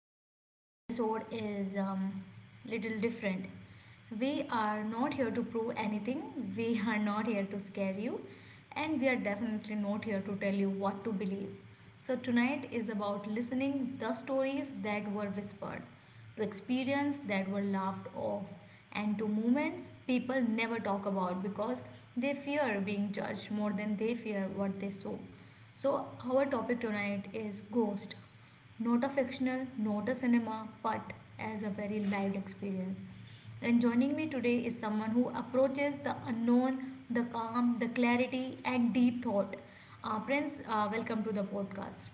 Tonight's episode is little different. We are not here to prove anything, we are not here to scare you, and we are definitely not here to tell you what to believe. So, tonight is about listening the stories that were whispered to experiences that were laughed off, and to moments people never talk about because they fear being judged more than they fear what they saw. So, our topic tonight is ghost. Not a fictional, not a cinema, but as a very lived experience. And joining me today is someone who approaches the unknown, the calm, the clarity, and deep thought. Prince, welcome to the podcast.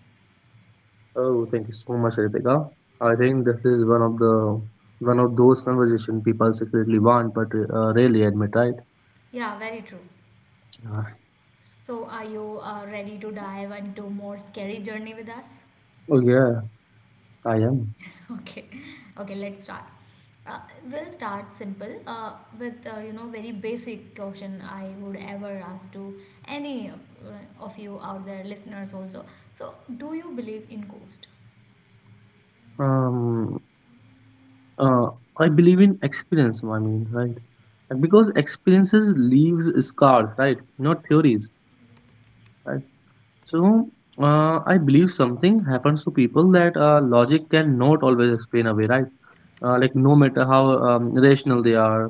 Oh, thank you so much, Ritika. I think this is one of those conversation people secretly want but rarely admit, right? Yeah, very true. Yeah. So, are you ready to dive into more scary journey with us? Oh yeah, I am. Okay, okay, let's start. Uh, we'll start simple with you know very basic question I would ever ask to any of you out there, listeners also. So, do you believe in ghost? Um, uh, I believe in experience. I mean, right? And Because experiences leaves scars, right? Not theories, right? So, I believe something happens to people that logic cannot always explain away, right? Like no matter how rational they are,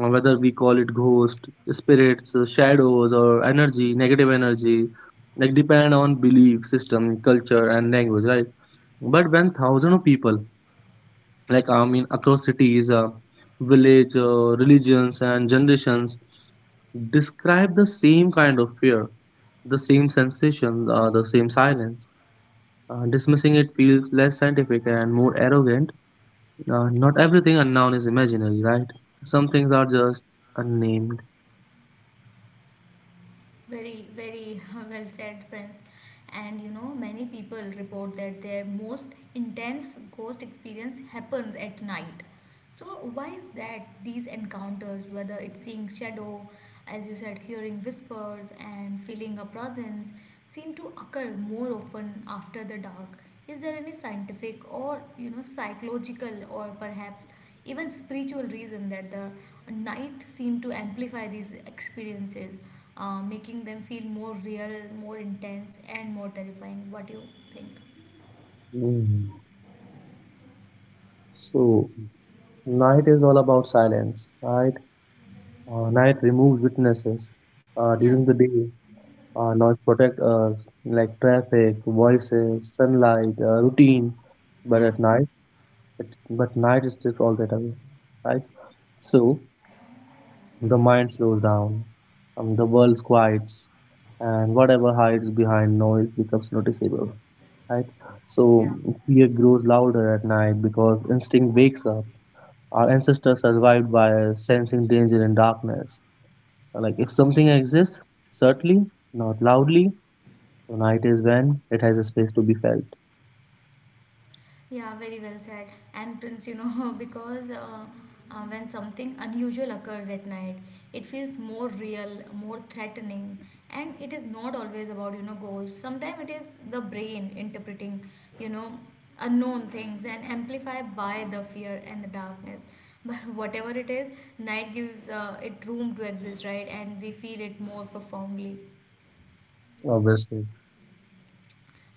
whether we call it ghost, spirits, shadows, or energy, negative energy, like depend on belief system, culture, and language, right? But when thousands of people, like I mean, across cities, village, religions, and generations, describe the same kind of fear, the same sensations, the same silence. Dismissing it feels less scientific and more arrogant. Not everything unknown is imaginary, right? Some things are just unnamed. Very, very well said, Prince. And you know, many people report that their most intense ghost experience happens at night. So why is that these encounters, whether it's seeing shadow, as you said, hearing whispers and feeling a presence, seem to occur more often after the dark? Is there any scientific or you know psychological or perhaps even spiritual reason that the night seem to amplify these experiences, making them feel more real, more intense, and more terrifying? What do you think? Hmm. So, night is all about silence, right? Night removes witnesses. Yeah, During the day, noise protects us, like traffic, voices, sunlight, routine. But yeah, at night, it, but night is strips all that away, right? So, the mind slows down, the world quiets, and whatever hides behind noise becomes noticeable, right? yeah. So fear grows louder at night because instinct wakes up. Our ancestors survived by sensing danger in darkness. So, like if something exists, certainly, not loudly, so night is when it has a space to be felt. Yeah, very well said. And Prince, you know, because when something unusual occurs at night, it feels more real, more threatening, and it is not always about, you know, ghosts. Sometimes it is the brain interpreting, you know, unknown things and amplified by the fear and the darkness. But whatever it is, night gives it room to exist, right? And we feel it more profoundly. Obviously.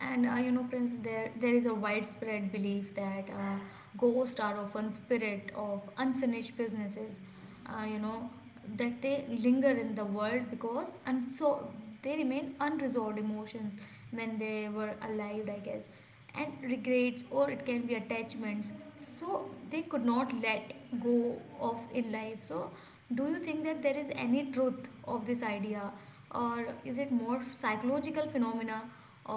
And you know, Prince, there is a widespread belief that ghosts are often spirit of unfinished businesses. You know that they linger in the world because and so they remain unresolved emotions when they were alive, I guess, and regrets or it can be attachments. So they could not let go of in life. So do you think that there is any truth of this idea? Or is it more psychological phenomena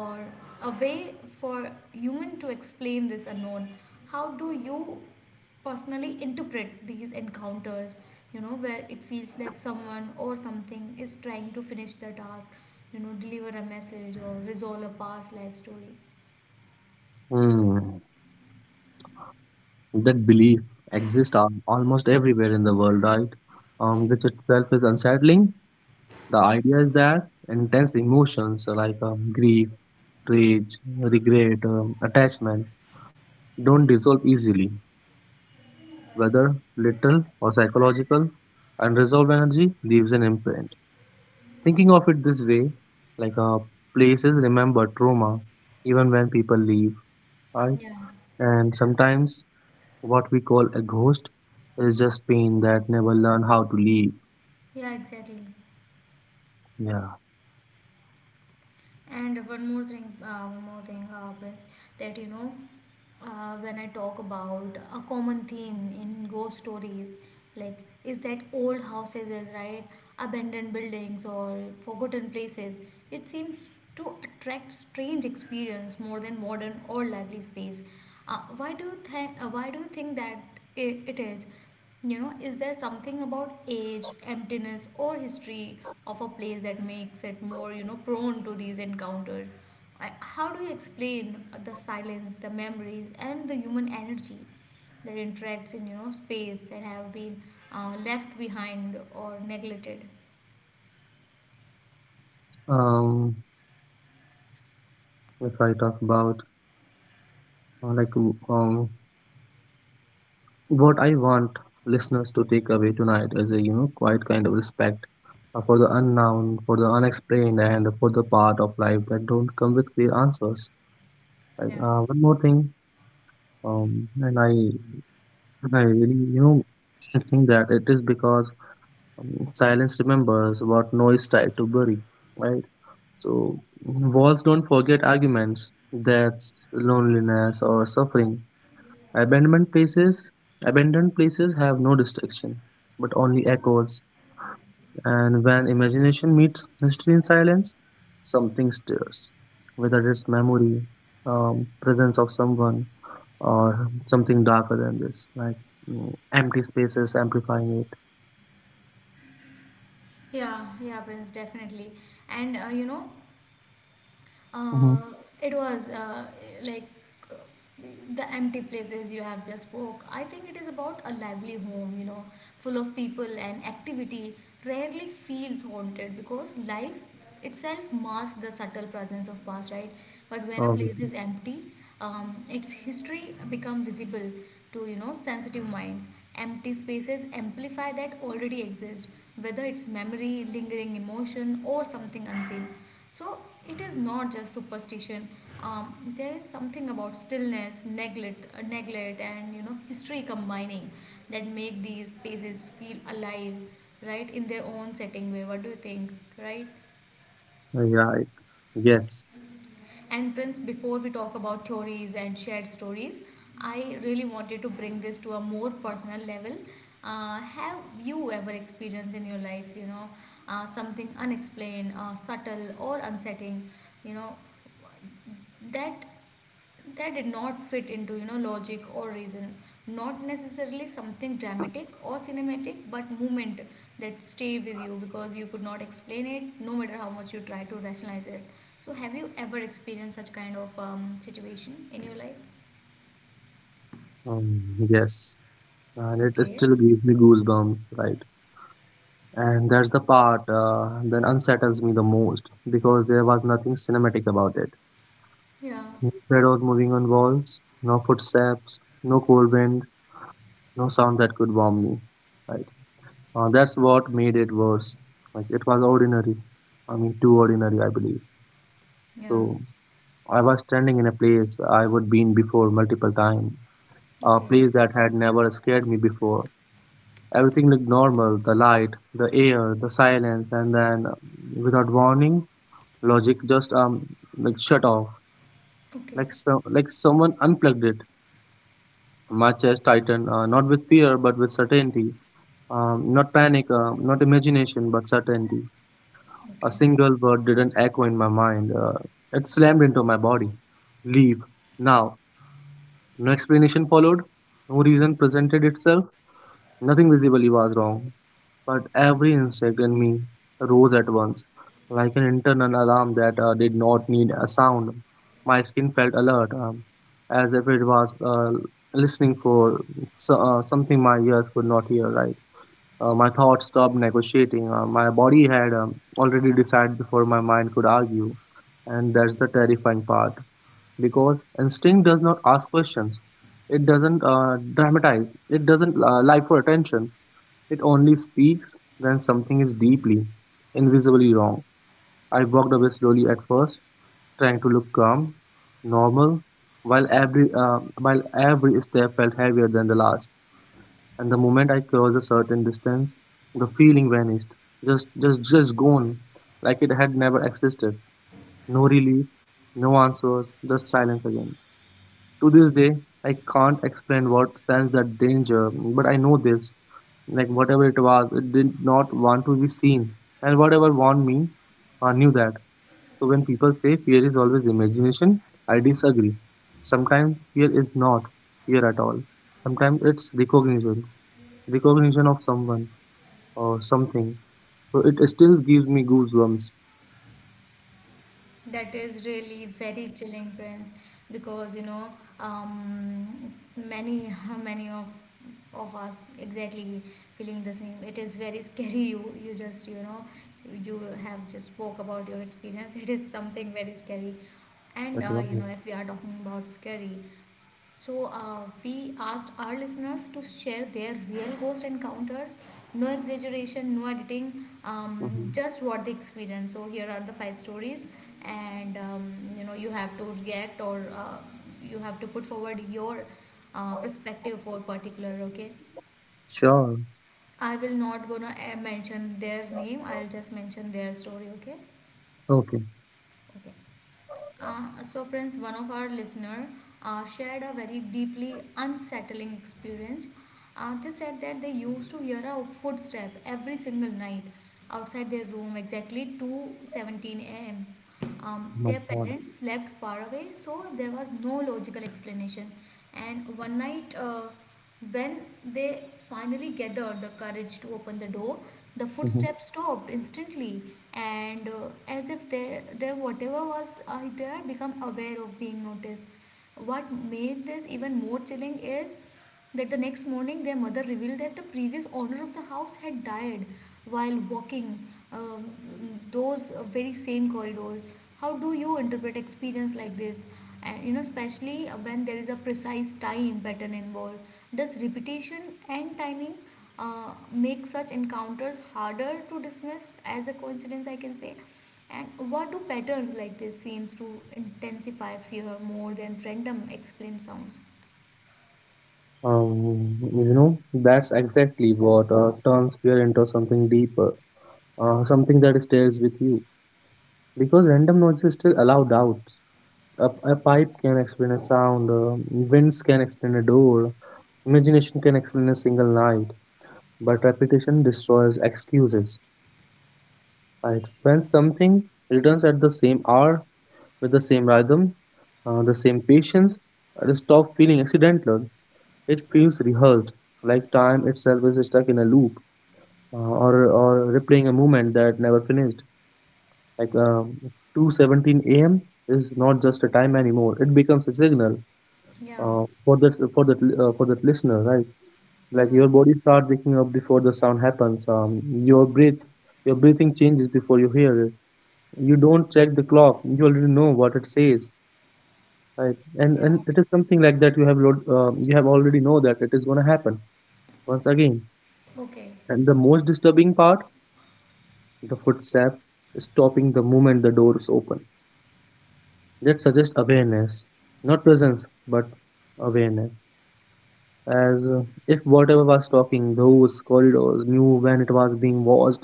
or a way for human to explain this unknown, how do you personally interpret these encounters, you know, where it feels like someone or something is trying to finish their task, you know, deliver a message or resolve a past life story? Hmm. That belief exists almost everywhere in the world, right? Which itself is unsettling. The idea is that intense emotions like grief, rage, regret, attachment don't dissolve easily. Whether literal or psychological, unresolved energy leaves an imprint. Thinking of it this way, like places remember trauma even when people leave, right? Yeah, And sometimes what we call a ghost is just pain that never learn how to leave. yeah, exactly. Yeah. And one more thing, Prince, that you know, when I talk about a common theme in ghost stories, like is that old houses, is right, abandoned buildings or forgotten places, it seems to attract strange experience more than modern or lively space. Why do you think? Why do you think that I it is? You know, is there something about age, emptiness, or history of a place that makes it more, you know, prone to these encounters? How do you explain the silence, the memories, and the human energy that interacts in, you know, space that have been left behind or neglected? Um, if I talk about like um what I want listeners to take away tonight is a you know quiet kind of respect for the unknown, for the unexplained, and for the part of life that don't come with clear answers. Right. Yeah. One more thing, um, and I and I really you know think that it is because silence remembers what noise tried to bury. Right. So walls don't forget arguments, deaths, loneliness, or suffering. Abandoned places, abandoned places have no distraction, but only echoes. And when imagination meets history in silence, something stirs. Whether it's memory, presence of someone, or something darker than this, like empty spaces amplifying it. Yeah, yeah, Prince, definitely. And you know, Hmm. Uh, it was like uh, the empty places you have just spoke. I think it is about a lively home, you know, full of people and activity. Rarely feels haunted because life itself masks the subtle presence of past, right? But when a Um, place is empty, its history become visible to you know sensitive minds. Empty spaces amplify that already exist, whether it's memory, lingering emotion, or something unseen. So it is not just superstition. There is something about stillness, neglect, and you know history combining that make these spaces feel alive, right, in their own setting. Way, what do you think, right? yeah, it, yes, And Prince, before we talk about theories and shared stories, I really wanted to bring this to a more personal level. Have you ever experienced in your life, you know, something unexplained, subtle, or unsettling, you know, that that did not fit into you know logic or reason, not necessarily something dramatic or cinematic but movement that stay with you because you could not explain it no matter how much you try to rationalize it. So have you ever experienced such kind of situation in your life? um, yes, and it Okay. still gives me goosebumps, right? And that's the part that unsettles me the most because there was nothing cinematic about it. Yeah, No shadows moving on walls, no footsteps, no cold wind, no sound that could warm me. Right? That's what made it worse. Like it was ordinary. I mean, too ordinary, I believe. yeah. So I was standing in a place I would been before multiple times, a Okay, place that had never scared me before. Everything looked normal: the light, the air, the silence, and then, without warning logic just like shut off, okay, like someone unplugged it. My chest tightened, not with fear but with certainty. Not panic, not imagination, but certainty. A okay. single word didn't echo in my mind. It slammed into my body. Leave now. No explanation followed. No reason presented itself. Nothing visibly was wrong, but every insect in me rose at once, like an internal alarm that did not need a sound. My skin felt alert, as if it was listening for something my ears could not hear, right? My thoughts stopped negotiating. My body had already decided before my mind could argue, and that's the terrifying part. Because instinct does not ask questions, it doesn't dramatize, it doesn't lie for attention. It only speaks when something is deeply, invisibly wrong. I walked away slowly at first, trying to look calm, normal, while every step felt heavier than the last. And the moment I crossed a certain distance, the feeling vanished, just gone, like it had never existed. No relief, no answers, just silence again. To this day, I can't explain what sense that danger, but I know this, like whatever it was, it did not want to be seen, and whatever warned me, I knew that. So when people say fear is always imagination, I disagree. Sometimes fear is not fear at all. Sometimes it's recognition, recognition of someone or something. So it still gives me goosebumps That is really very chilling, Prince, because you know, many, many of us exactly feeling the same. It is very scary. You just, you know, you have just spoke about your experience. It is something very scary, and at you one. know, if we are talking about scary, so, we asked our listeners to share their real ghost encounters. No exaggeration, no editing, Mm-hmm. just what they experienced. So, here are the five stories, and you know, you have to react or you have to put forward your perspective for particular. Okay, Sure. I will not gonna mention their name, I'll just mention their story. Okay, Okay. okay. So, Prince, one of our listener shared a very deeply unsettling experience. They said that they used to hear a footstep every single night outside their room, exactly 2:17 a.m. My their god. parents slept far away, so there was no logical explanation. And one night, when they finally gathered the courage to open the door, the Hmm. footsteps stopped instantly, and as if their whatever was there become aware of being noticed. What made this even more chilling is that the next morning their mother revealed that the previous owner of the house had died while walking um, those very same corridors. How do you interpret experience like this, and you know especially when there is a precise time pattern involved? Does repetition and timing make such encounters harder to dismiss as a coincidence, I can say? And what do patterns like this seems to intensify fear more than random explained sounds? Um, you know that's exactly what turns fear into something deeper, something that stays with you, because random noises still allow doubts. A pipe can explain a sound, winds can explain a door, imagination can explain a single night, but repetition destroys excuses. Right? When something returns at the same hour with the same rhythm, the same patience, it stops feeling accidental. It feels rehearsed, like time itself is stuck in a loop, or replaying a moment that never finished. Like 2:17 a.m. is not just a time anymore. It becomes a signal Yeah, for for that listener, right? Like yeah, your body starts waking up before the sound happens. Your breath, your breathing changes before you hear it. You don't check the clock. You already know what it says, right? And yeah. and it is something like that. You have you have already know that it is gonna happen once again. Okay. And the most disturbing part, the footstep stopping the moment the doors open, that suggests awareness, not presence, but awareness. As If whatever was talking, those corridors knew when it was being watched,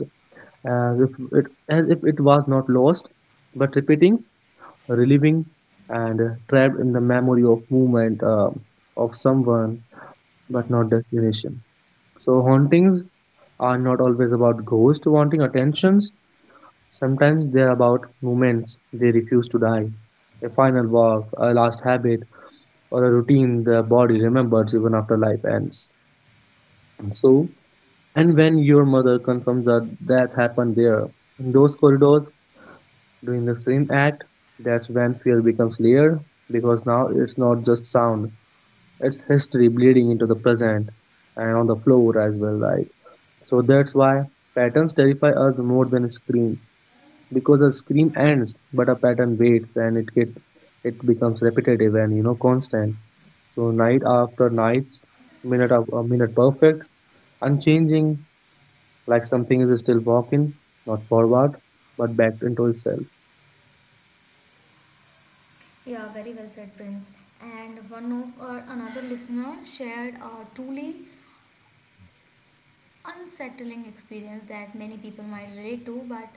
as if it was not lost, but repeating, reliving, and trapped in the memory of movement of someone, but Yeah. not destination. So hauntings are not always about ghosts wanting attentions. Sometimes they are about moments they refuse to die, a final walk, a last habit, or a routine the body remembers even after life ends. So, and when your mother confirms that death happened there, in those corridors, during the same act, that's when fear becomes layered, because now it's not just sound, it's history bleeding into the present and on the floor as well, right? So that's why patterns terrify us more than screams, because a scream ends but a pattern waits and it get, it becomes repetitive and you know constant. So night after nights, minute of a minute, perfect, unchanging, like something is still walking, not forward but back into itself. Yeah, very well said, Prince. And one of our another listener shared a truly unsettling experience that many people might relate to but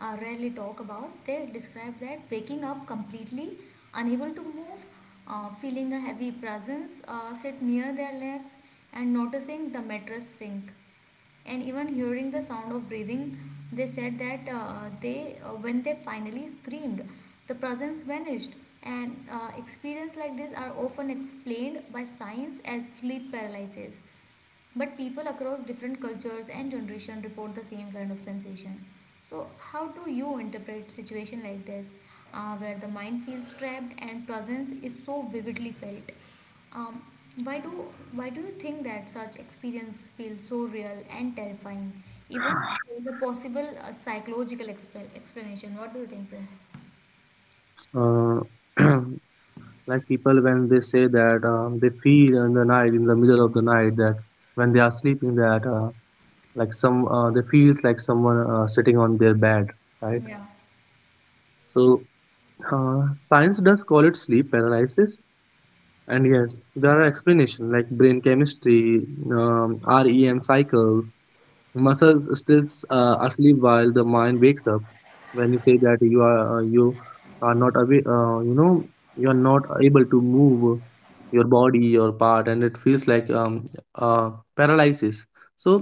rarely talk about. They describe that waking up completely unable to move, feeling a heavy presence sit near their legs, and noticing the mattress sink, and even hearing the sound of breathing. They said that they when they finally screamed, the presence vanished. And experience like this are often explained by science as sleep paralysis, but people across different cultures and generation report the same kind of sensation. So how do you interpret situation like this, where the mind feels trapped and presence is so vividly felt? Um, why do why do you think that such experience feels so real and terrifying, even with a possible psychological explanation? What do you think, Prince? uh, like people when they say that they feel in the night in the middle of the night that when they are sleeping that like some they feels like someone sitting on their bed, right? Yeah. So science does call it sleep paralysis, and yes, there are explanations like brain chemistry, REM cycles, muscles still asleep while the mind wakes up. When you say that you are not away, you know you are not able to move your body, your part, and it feels like paralysis. So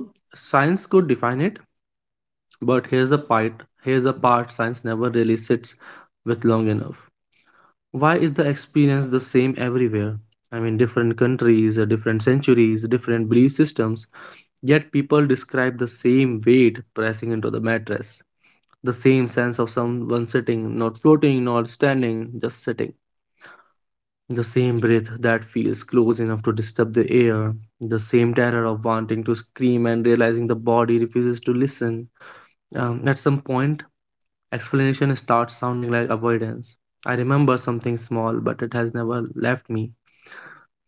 science could define it, but here's the part. Here's the part science never really sits with long enough. Why is the experience the same everywhere? I mean, different countries, different centuries, different belief systems, yet people describe the same weight pressing into the mattress, the same sense of someone sitting, not floating, not standing, just sitting, the same breath that feels close enough to disturb the air, the same terror of wanting to scream and realizing the body refuses to listen. At some point, explanation starts sounding like avoidance. I remember something small, but it has never left me,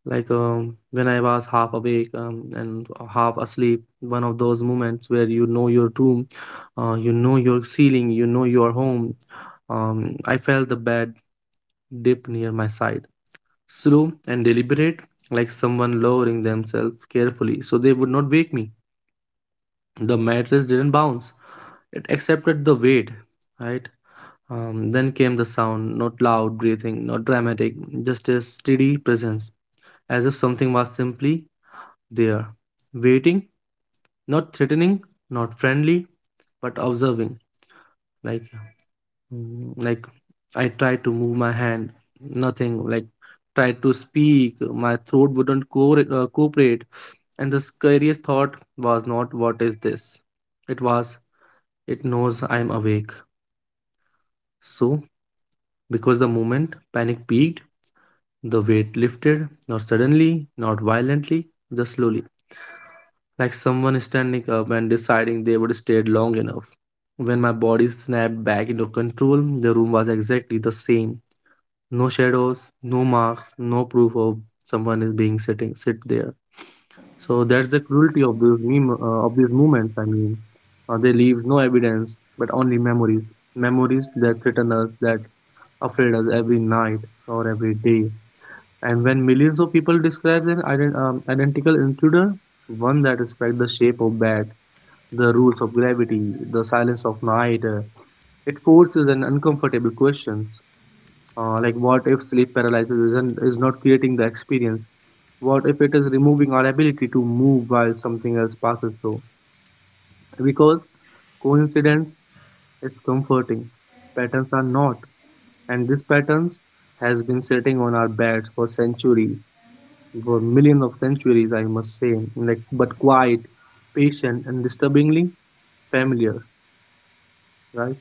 like when I was half awake and half asleep, one of those moments where you know your room, you know your ceiling, you know your home. I felt the bed dip near my side, slow and deliberate, like someone lowering themselves carefully so they would not wake me. The mattress didn't bounce, it accepted the weight, right? Then came the sound, not loud breathing, not dramatic, just a steady presence, as if something was simply there, waiting, not threatening, not friendly, but observing. Like, like I tried to move my hand, nothing. Like, tried to speak, my throat wouldn't cooperate. And the scariest thought was not what is this? It was, it knows I'm awake. So, because the moment panic peaked, the weight lifted, not suddenly, not violently, just slowly, like someone standing up and deciding they would stay long enough. When my body snapped back into control, the room was exactly the same. No shadows, no marks, no proof of someone is being sitting sit there. So that's the cruelty of these moments. They leave no evidence, but only memories. Memories that threaten us, that afraid us every night or every day. And when millions of people describe an identical intruder, one that respects the shape of bat the rules of gravity, the silence of night. It forces an uncomfortable questions like what if sleep paralysis isn't, is not creating the experience? What if it is removing our ability to move while something else passes through? Because coincidence is comforting, patterns are not, and these patterns has been sitting on our beds for centuries, for millions of centuries, I must say. But quiet, patient, and disturbingly familiar, right?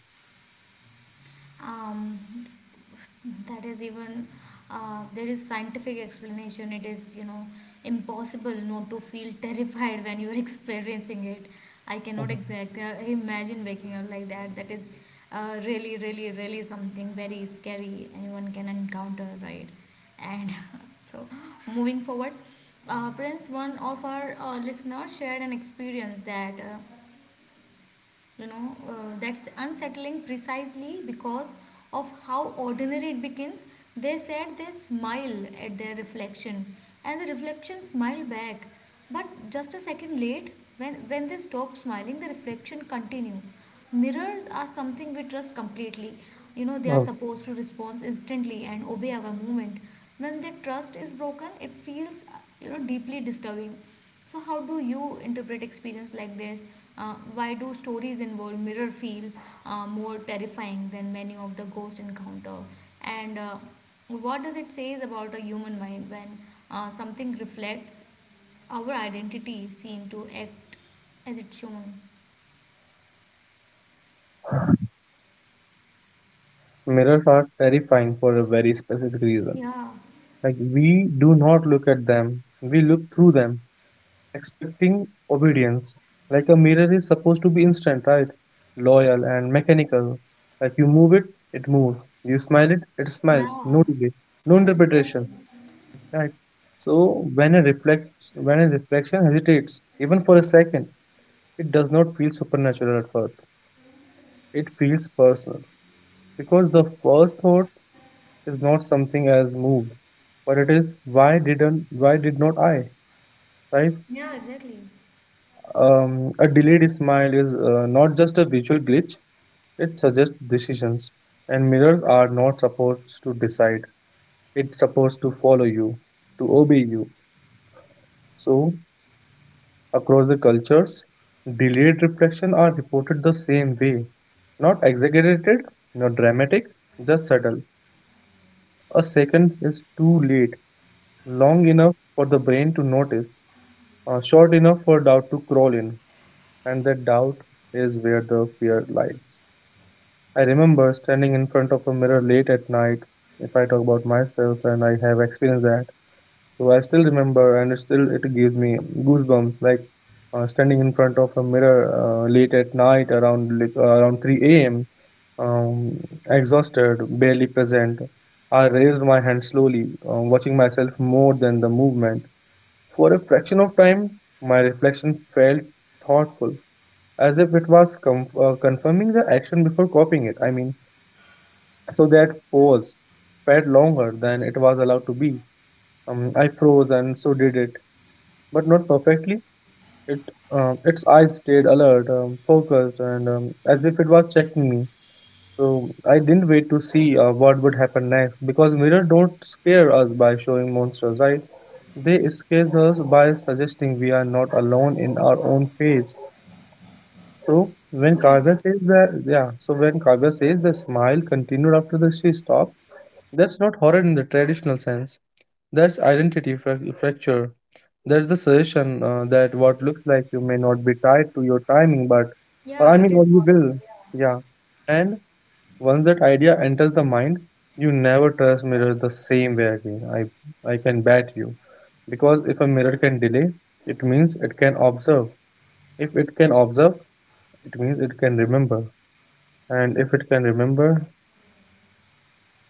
um, that is even there is scientific explanation, it is you know impossible not to feel terrified when you are experiencing it. I cannot Mhm. exact imagine waking up like that. That is really really really something very scary anyone can encounter, right? And so moving forward, Prince, one of our listeners shared an experience that you know that's unsettling precisely because of how ordinary it begins. They said they smile at their reflection and the reflection smiled back, but just a second late. When they stop smiling the reflection continue. Mirrors are something we trust completely, you know they are supposed to respond instantly and obey our movement. When their trust is broken it feels you know deeply disturbing. So, how do you interpret experience like this? Why do stories involve mirror feel more terrifying than many of the ghost encounter? And what does it say about a human mind when something reflects our identity, seem to act as it's shown? Mirrors are terrifying for a very specific reason. Yeah, Like, we do not look at them, we look through them, expecting obedience. Like, a mirror is supposed to be instant, right? Loyal and mechanical. Like, you move it, it moves. You smile it, it smiles. yeah, No delay, no exactly. interpretation, right? So, when a reflection hesitates, even for a second, it does not feel supernatural at first. It feels personal because the first thought is not something as moved, but it is why did not I? Right? Yeah, exactly. A delayed smile is not just a visual glitch; it suggests decisions. And mirrors are not supposed to decide; it's supposed to follow you, to obey you. So, across the cultures, delayed reflection are reported the same way, not exaggerated, not dramatic, just subtle. A second is too late, long enough for the brain to notice short enough for doubt to crawl in, and that doubt is where the fear lies. I remember standing in front of a mirror late at night. If I talk about myself, and I have experienced that, so I still remember, and it still it gives me goosebumps. Standing in front of a mirror late at night, around 3 a.m., um, exhausted, barely present. I raised my hand slowly, watching myself more than the movement for a fraction of time, my reflection felt thoughtful, as if it was com confirming the action before copying it. So that pause felt longer than it was allowed to be. I froze and so did it, but not perfectly. It, its eyes stayed alert, focused, and as if it was checking me. So I didn't wait to see what would happen next, because mirrors don't scare us by showing monsters, right? They escape us by suggesting we are not alone in our own phase. So when Yeah, Kavya exactly. says that, yeah, so when Kavya says the smile continued after the she stopped, that's not horror in the traditional sense. That's identity fracture. That's the suggestion that what looks like you may not be tied to your timing, but Yeah, it is what you possible. will. Yeah. Yeah. and. Once that idea enters the mind, you never trust mirrors the same way again. I can bet you. Because if a mirror can delay, it means it can observe. If it can observe, it means it can remember. And if it can remember,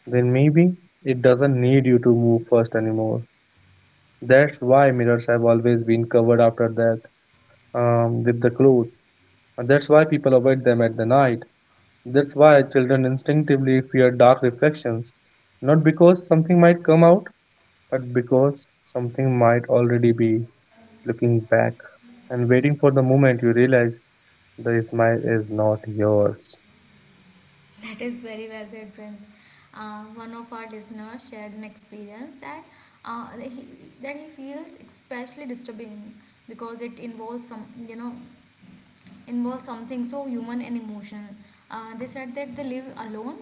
then maybe it doesn't need you to move first anymore. That's why mirrors have always been covered after death with the clothes. And that's why people avoid them at the night. That's why children instinctively fear dark reflections. Not because something might come out, but because something might already be looking back and waiting for the moment you realize the smile is not yours. That is very well said, Prince. One of our listeners shared an experience that uh, that he that he feels especially disturbing because it involves some you know involves something so human and emotional. They said that they live alone,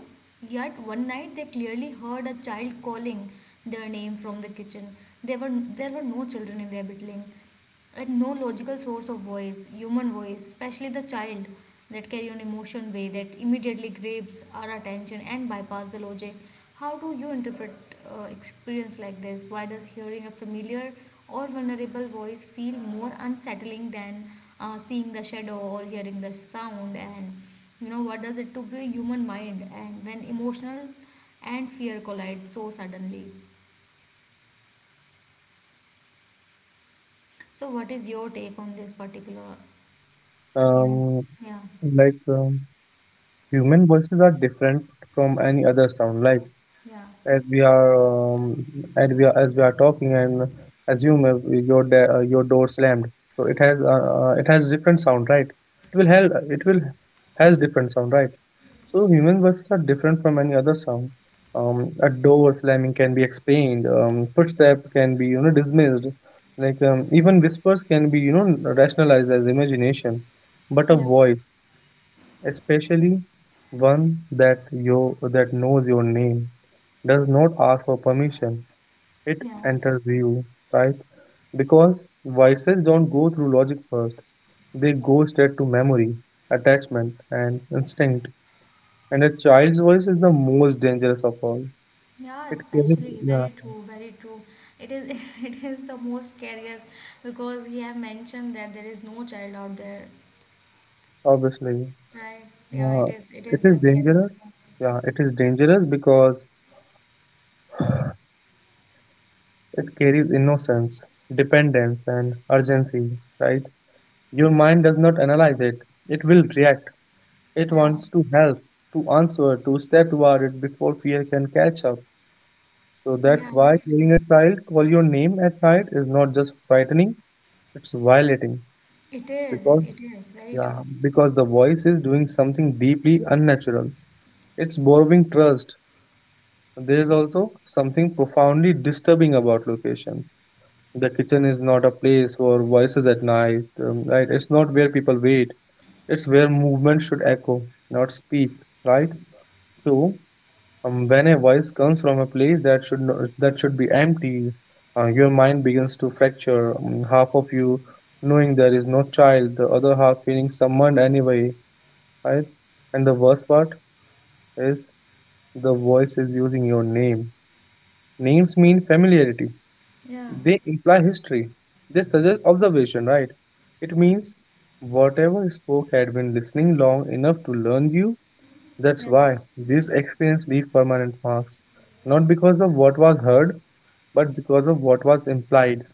yet one night they clearly heard a child calling their name from the kitchen. There were no children in their building, and no logical source of voice, human voice, especially the child that carry an emotion way that immediately grabs our attention and bypass the logic. How do you interpret experience like this? Why does hearing a familiar or vulnerable voice feel more unsettling than seeing the shadow or hearing the sound? And what does it to be a human mind and when emotional and fear collide so suddenly? So what is your take on this particular? you know Um, yeah. like um, Human voices are different from any other sound. Like Yeah, as we are and we are as we are talking and assume if your door slammed, so it has different sound, right? It will has different sound, right? So human voices are different from any other sound. A door slamming can be explained, footstep can be, you know, dismissed. Even whispers can be, you know, rationalized as imagination, but a yeah, voice, especially one that knows your name, does not ask for permission. It yeah, enters you, right? Because vices don't go through logic first. They go straight to memory, attachment, and instinct. And a child's voice is the most dangerous of all. yeah, It carries, especially yeah, very true, very true. It is it is the most scariest because he have mentioned that there is no child out there, obviously. right? Yeah, Uh, it it is is the scariest dangerous. thing. Yeah, it is dangerous because it carries innocence, dependence, and urgency, right? Your mind does not analyze it, it will react. It Yeah, wants to help, to answer, to step toward it before fear can catch up. So that's Yeah, why right. hearing a child call your name at night is not just frightening, it's violating. It is. Because It is very true. yeah, because the voice is doing something deeply unnatural. It's borrowing trust. There is also something profoundly disturbing about locations. The kitchen is not a place for voices at night, right? It's not where people wait. It's where movement should echo, not speak, right? So, when a voice comes from a place that should no, that should be empty, your mind begins to fracture. Half of you knowing there is no child, the other half feeling summoned anyway, right? And the worst part is the voice is using your name. Names mean familiarity. Yeah, They imply history. They suggest observation, right? It means whatever spoke had been listening long enough to learn you. That's yeah, why these experiences leave permanent marks, not because of what was heard, but because of what was implied.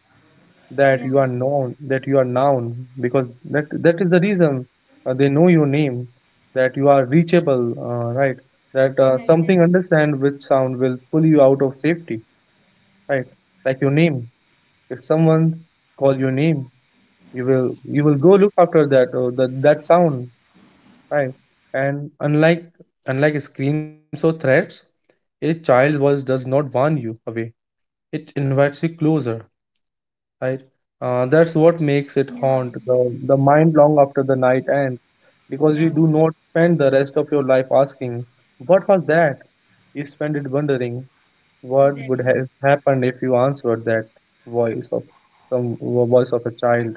That yeah, you are known, that you are known, because that is the reason they know your name, that you are reachable, right? That yeah, something exactly. understand which sound will pull you out of safety, right? Like your name. If someone call your name, you will go look after that that sound. Right. And unlike screams or threats, a child's voice does not warn you away. It invites you closer, right? That's what makes it Yeah. Yeah, haunt very true. the mind long after the night ends, because you Yeah, do not spend the rest of your life asking, what was that? You spend it wondering what would exactly. have happened if you answered that voice of some voice of a child.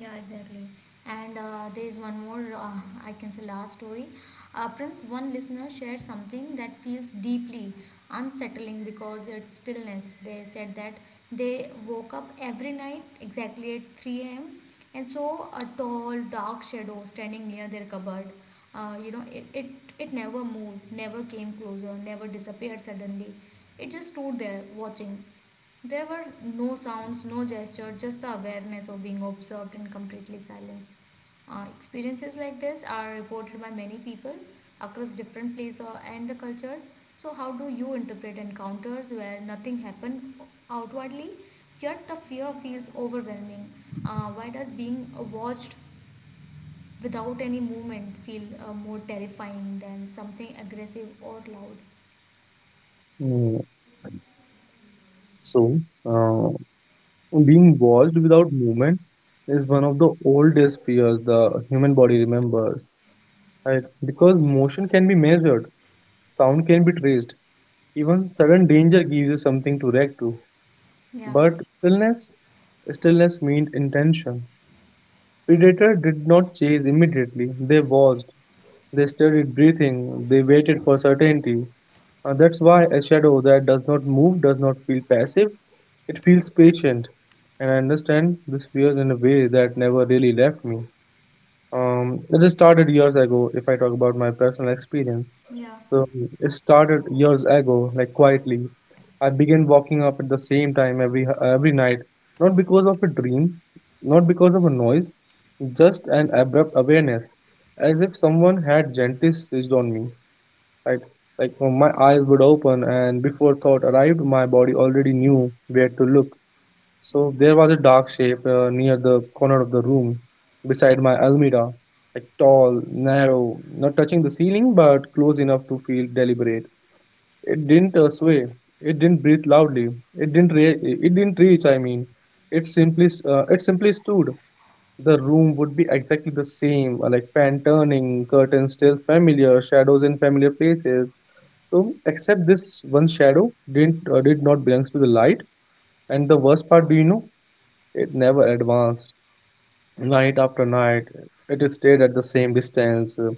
Yeah, exactly. And there is one more, I can say, last story. Prince, one listener shared something that feels deeply unsettling because it's stillness. They said that they woke up every night exactly at 3 a.m. and saw a tall, dark shadow standing near their cupboard. Uh, you know, it, it, it never moved, never came closer, never disappeared suddenly. It just stood there watching. There were no sounds, no gesture, just the awareness of being observed and completely silence. Experiences like this are reported by many people across different places and the cultures. So, how do you interpret encounters where nothing happened outwardly, yet the fear feels overwhelming? Why does being watched without any movement feel more terrifying than something aggressive or loud? Mm, So, uh, Being watched without movement is one of the oldest fears the human body remembers, right? Because motion can be measured, sound can be traced, even sudden danger gives you something to react to. Yeah, But stillness, stillness meant intention. Predator did not chase immediately. They watched, they studied breathing, they waited for certainty. That's why a shadow that does not move does not feel passive, it feels patient. And I understand this fear in a way that never really left me. It started years ago, if I talk about my personal experience. yeah, So it started years ago, like quietly. I began walking up at the same time every night, not because of a dream, not because of a noise, just an abrupt awareness, as if someone had gently seized on me. Right, my eyes would open, and before thought arrived, my body already knew where to look. So there was a dark shape near the corner of the room, beside my almirah, like tall, narrow, not touching the ceiling, but close enough to feel deliberate. It didn't sway. It didn't breathe loudly. It didn't reach. It simply stood. The room would be exactly the same, like fan turning, curtains still familiar, shadows in familiar places. So, except this one shadow did not belongs to the light. And the worst part, do you know? It never advanced. Night after night, it stayed at the same distance,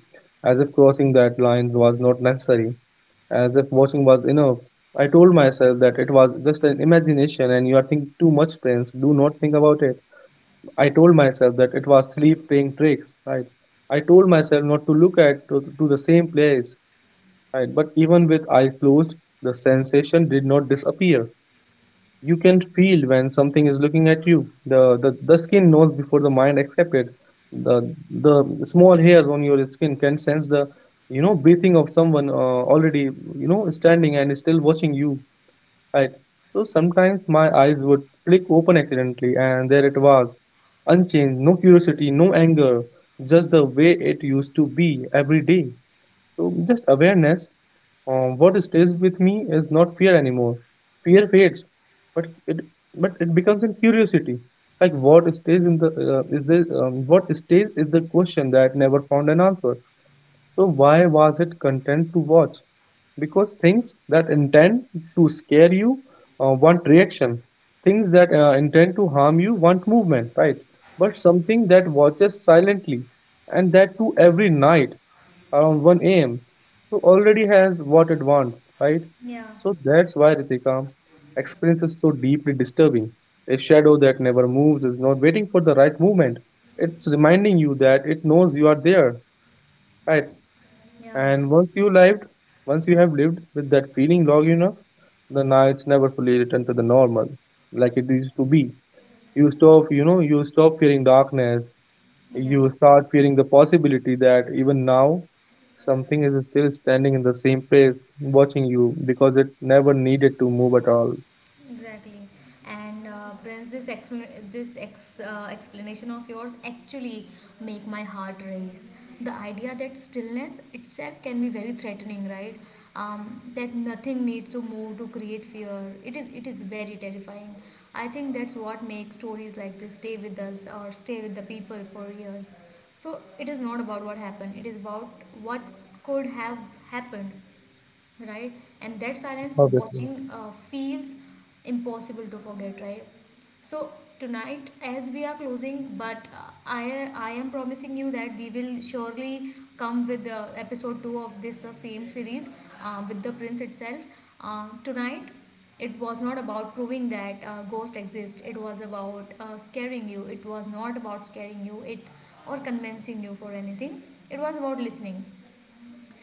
as if crossing that line was not necessary, as if watching was enough. I told myself that it was just an imagination, and you are thinking too much, Prince. Do not think about it. I told myself that it was sleep playing tricks, right? I told myself not to to the same place, right? But even with eyes closed, the sensation did not disappear. You can feel when something is looking at you. The skin knows before the mind accepts it. The the small hairs on your skin can sense the, you know, breathing of someone already, you know, standing and still watching you. Right. So sometimes my eyes would flick open accidentally, and there it was. Unchanged, no curiosity, no anger, just the way it used to be every day. So, just awareness. What stays with me is not fear anymore. Fear fades, but it but it becomes in curiosity. Like what stays is the question that never found an answer. So why was it content to watch? Because things that intend to scare you want reaction. Things that intend to harm you want movement, right? But something that watches silently and that too every night around 1 a.m. So already has what it wants, right? yeah, So that's why Ritika experience is so deeply disturbing. A shadow that never moves is not waiting for the right movement. It's reminding you that it knows you are there, right? yeah, And once you have lived with that feeling long enough, the nights never fully return to the normal, like it used to be. You stop fearing darkness. yeah. You start fearing the possibility that even now, something is still standing in the same place, watching you, because it never needed to move at all. Exactly. And Prince, this explanation of yours actually make my heart race. The idea that stillness itself can be very threatening, right? That nothing needs to move to create fear. It is very terrifying. I think that's what makes stories like this stay with us or stay with the people for years. So it is not about what happened. It is about what could have happened, right? And that silence Obviously. watching feels impossible to forget, right? So tonight, as we are closing, but uh, I am promising you that we will surely come with the episode two of this same series with the prince itself. Tonight, it was not about proving that ghost exist. It was about scaring you. It was not about scaring you. It or convincing you for anything. It was about listening,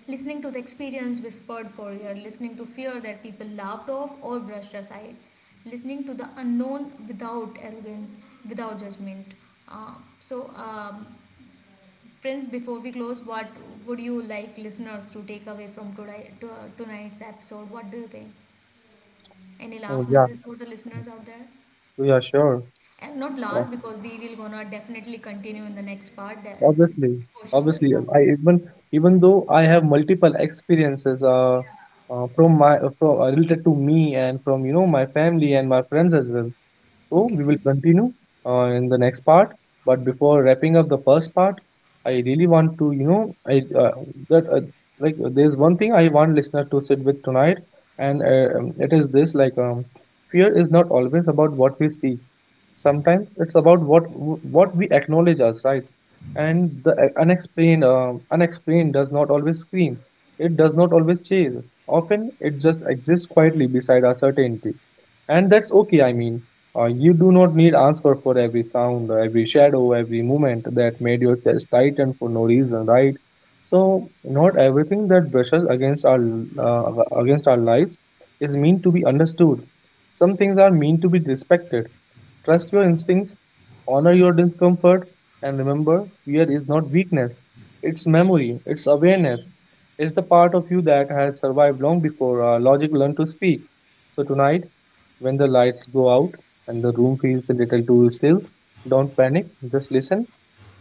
listening to the experience whispered for ear, listening to fear that people laughed off or brushed aside, listening to the unknown without arrogance, without judgment. Uh, so, um, Prince, before we close, what would you like listeners to take away from today, to, tonight's episode? What do you think? Any Oh last yeah. message for the listeners out there? Yeah, sure. And not last, because we will gonna definitely continue in the next part, de- Obviously, for sure. Yeah. I even though I have multiple experiences from related to me and from, you know, my family and my friends as well. So Okay, we will Prince. continue in the next part. But before wrapping up the first part, I really want to, you know, I that like there's one thing I want listener to sit with tonight, and it is this: fear is not always about what we see. Sometimes it's about what we acknowledge as right, and the unexplained does not always scream. It does not always chase. Often, it just exists quietly beside our certainty. And that's okay, you do not need answer for every sound, every shadow, every movement that made your chest tighten for no reason, right? So, not everything that brushes uh, against our lives is meant to be understood. Some things are meant to be respected. Trust your instincts, honor your discomfort, and remember fear is not weakness. It's memory, it's awareness. It's the part of you that has survived long before logic learned to speak. So tonight, when the lights go out and the room feels a little too still, don't panic, just listen.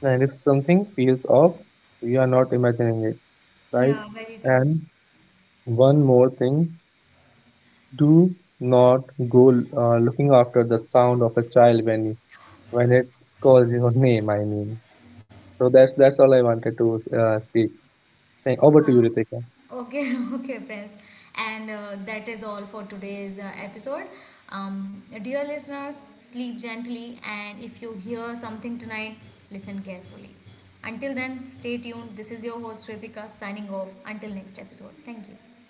And if something feels off, you are not imagining it, right? Yeah, very true. And one more thing, do not go looking after the sound of a child when it calls your name, I mean. So that's all I wanted to speak. Thank, over to Uh, you, Ritika. okay, okay, friends. And that is all for today's episode. Dear listeners, sleep gently, and if you hear something tonight, listen carefully. Until then, stay tuned. This is your host, Ripika, signing off. Until next episode. Thank you.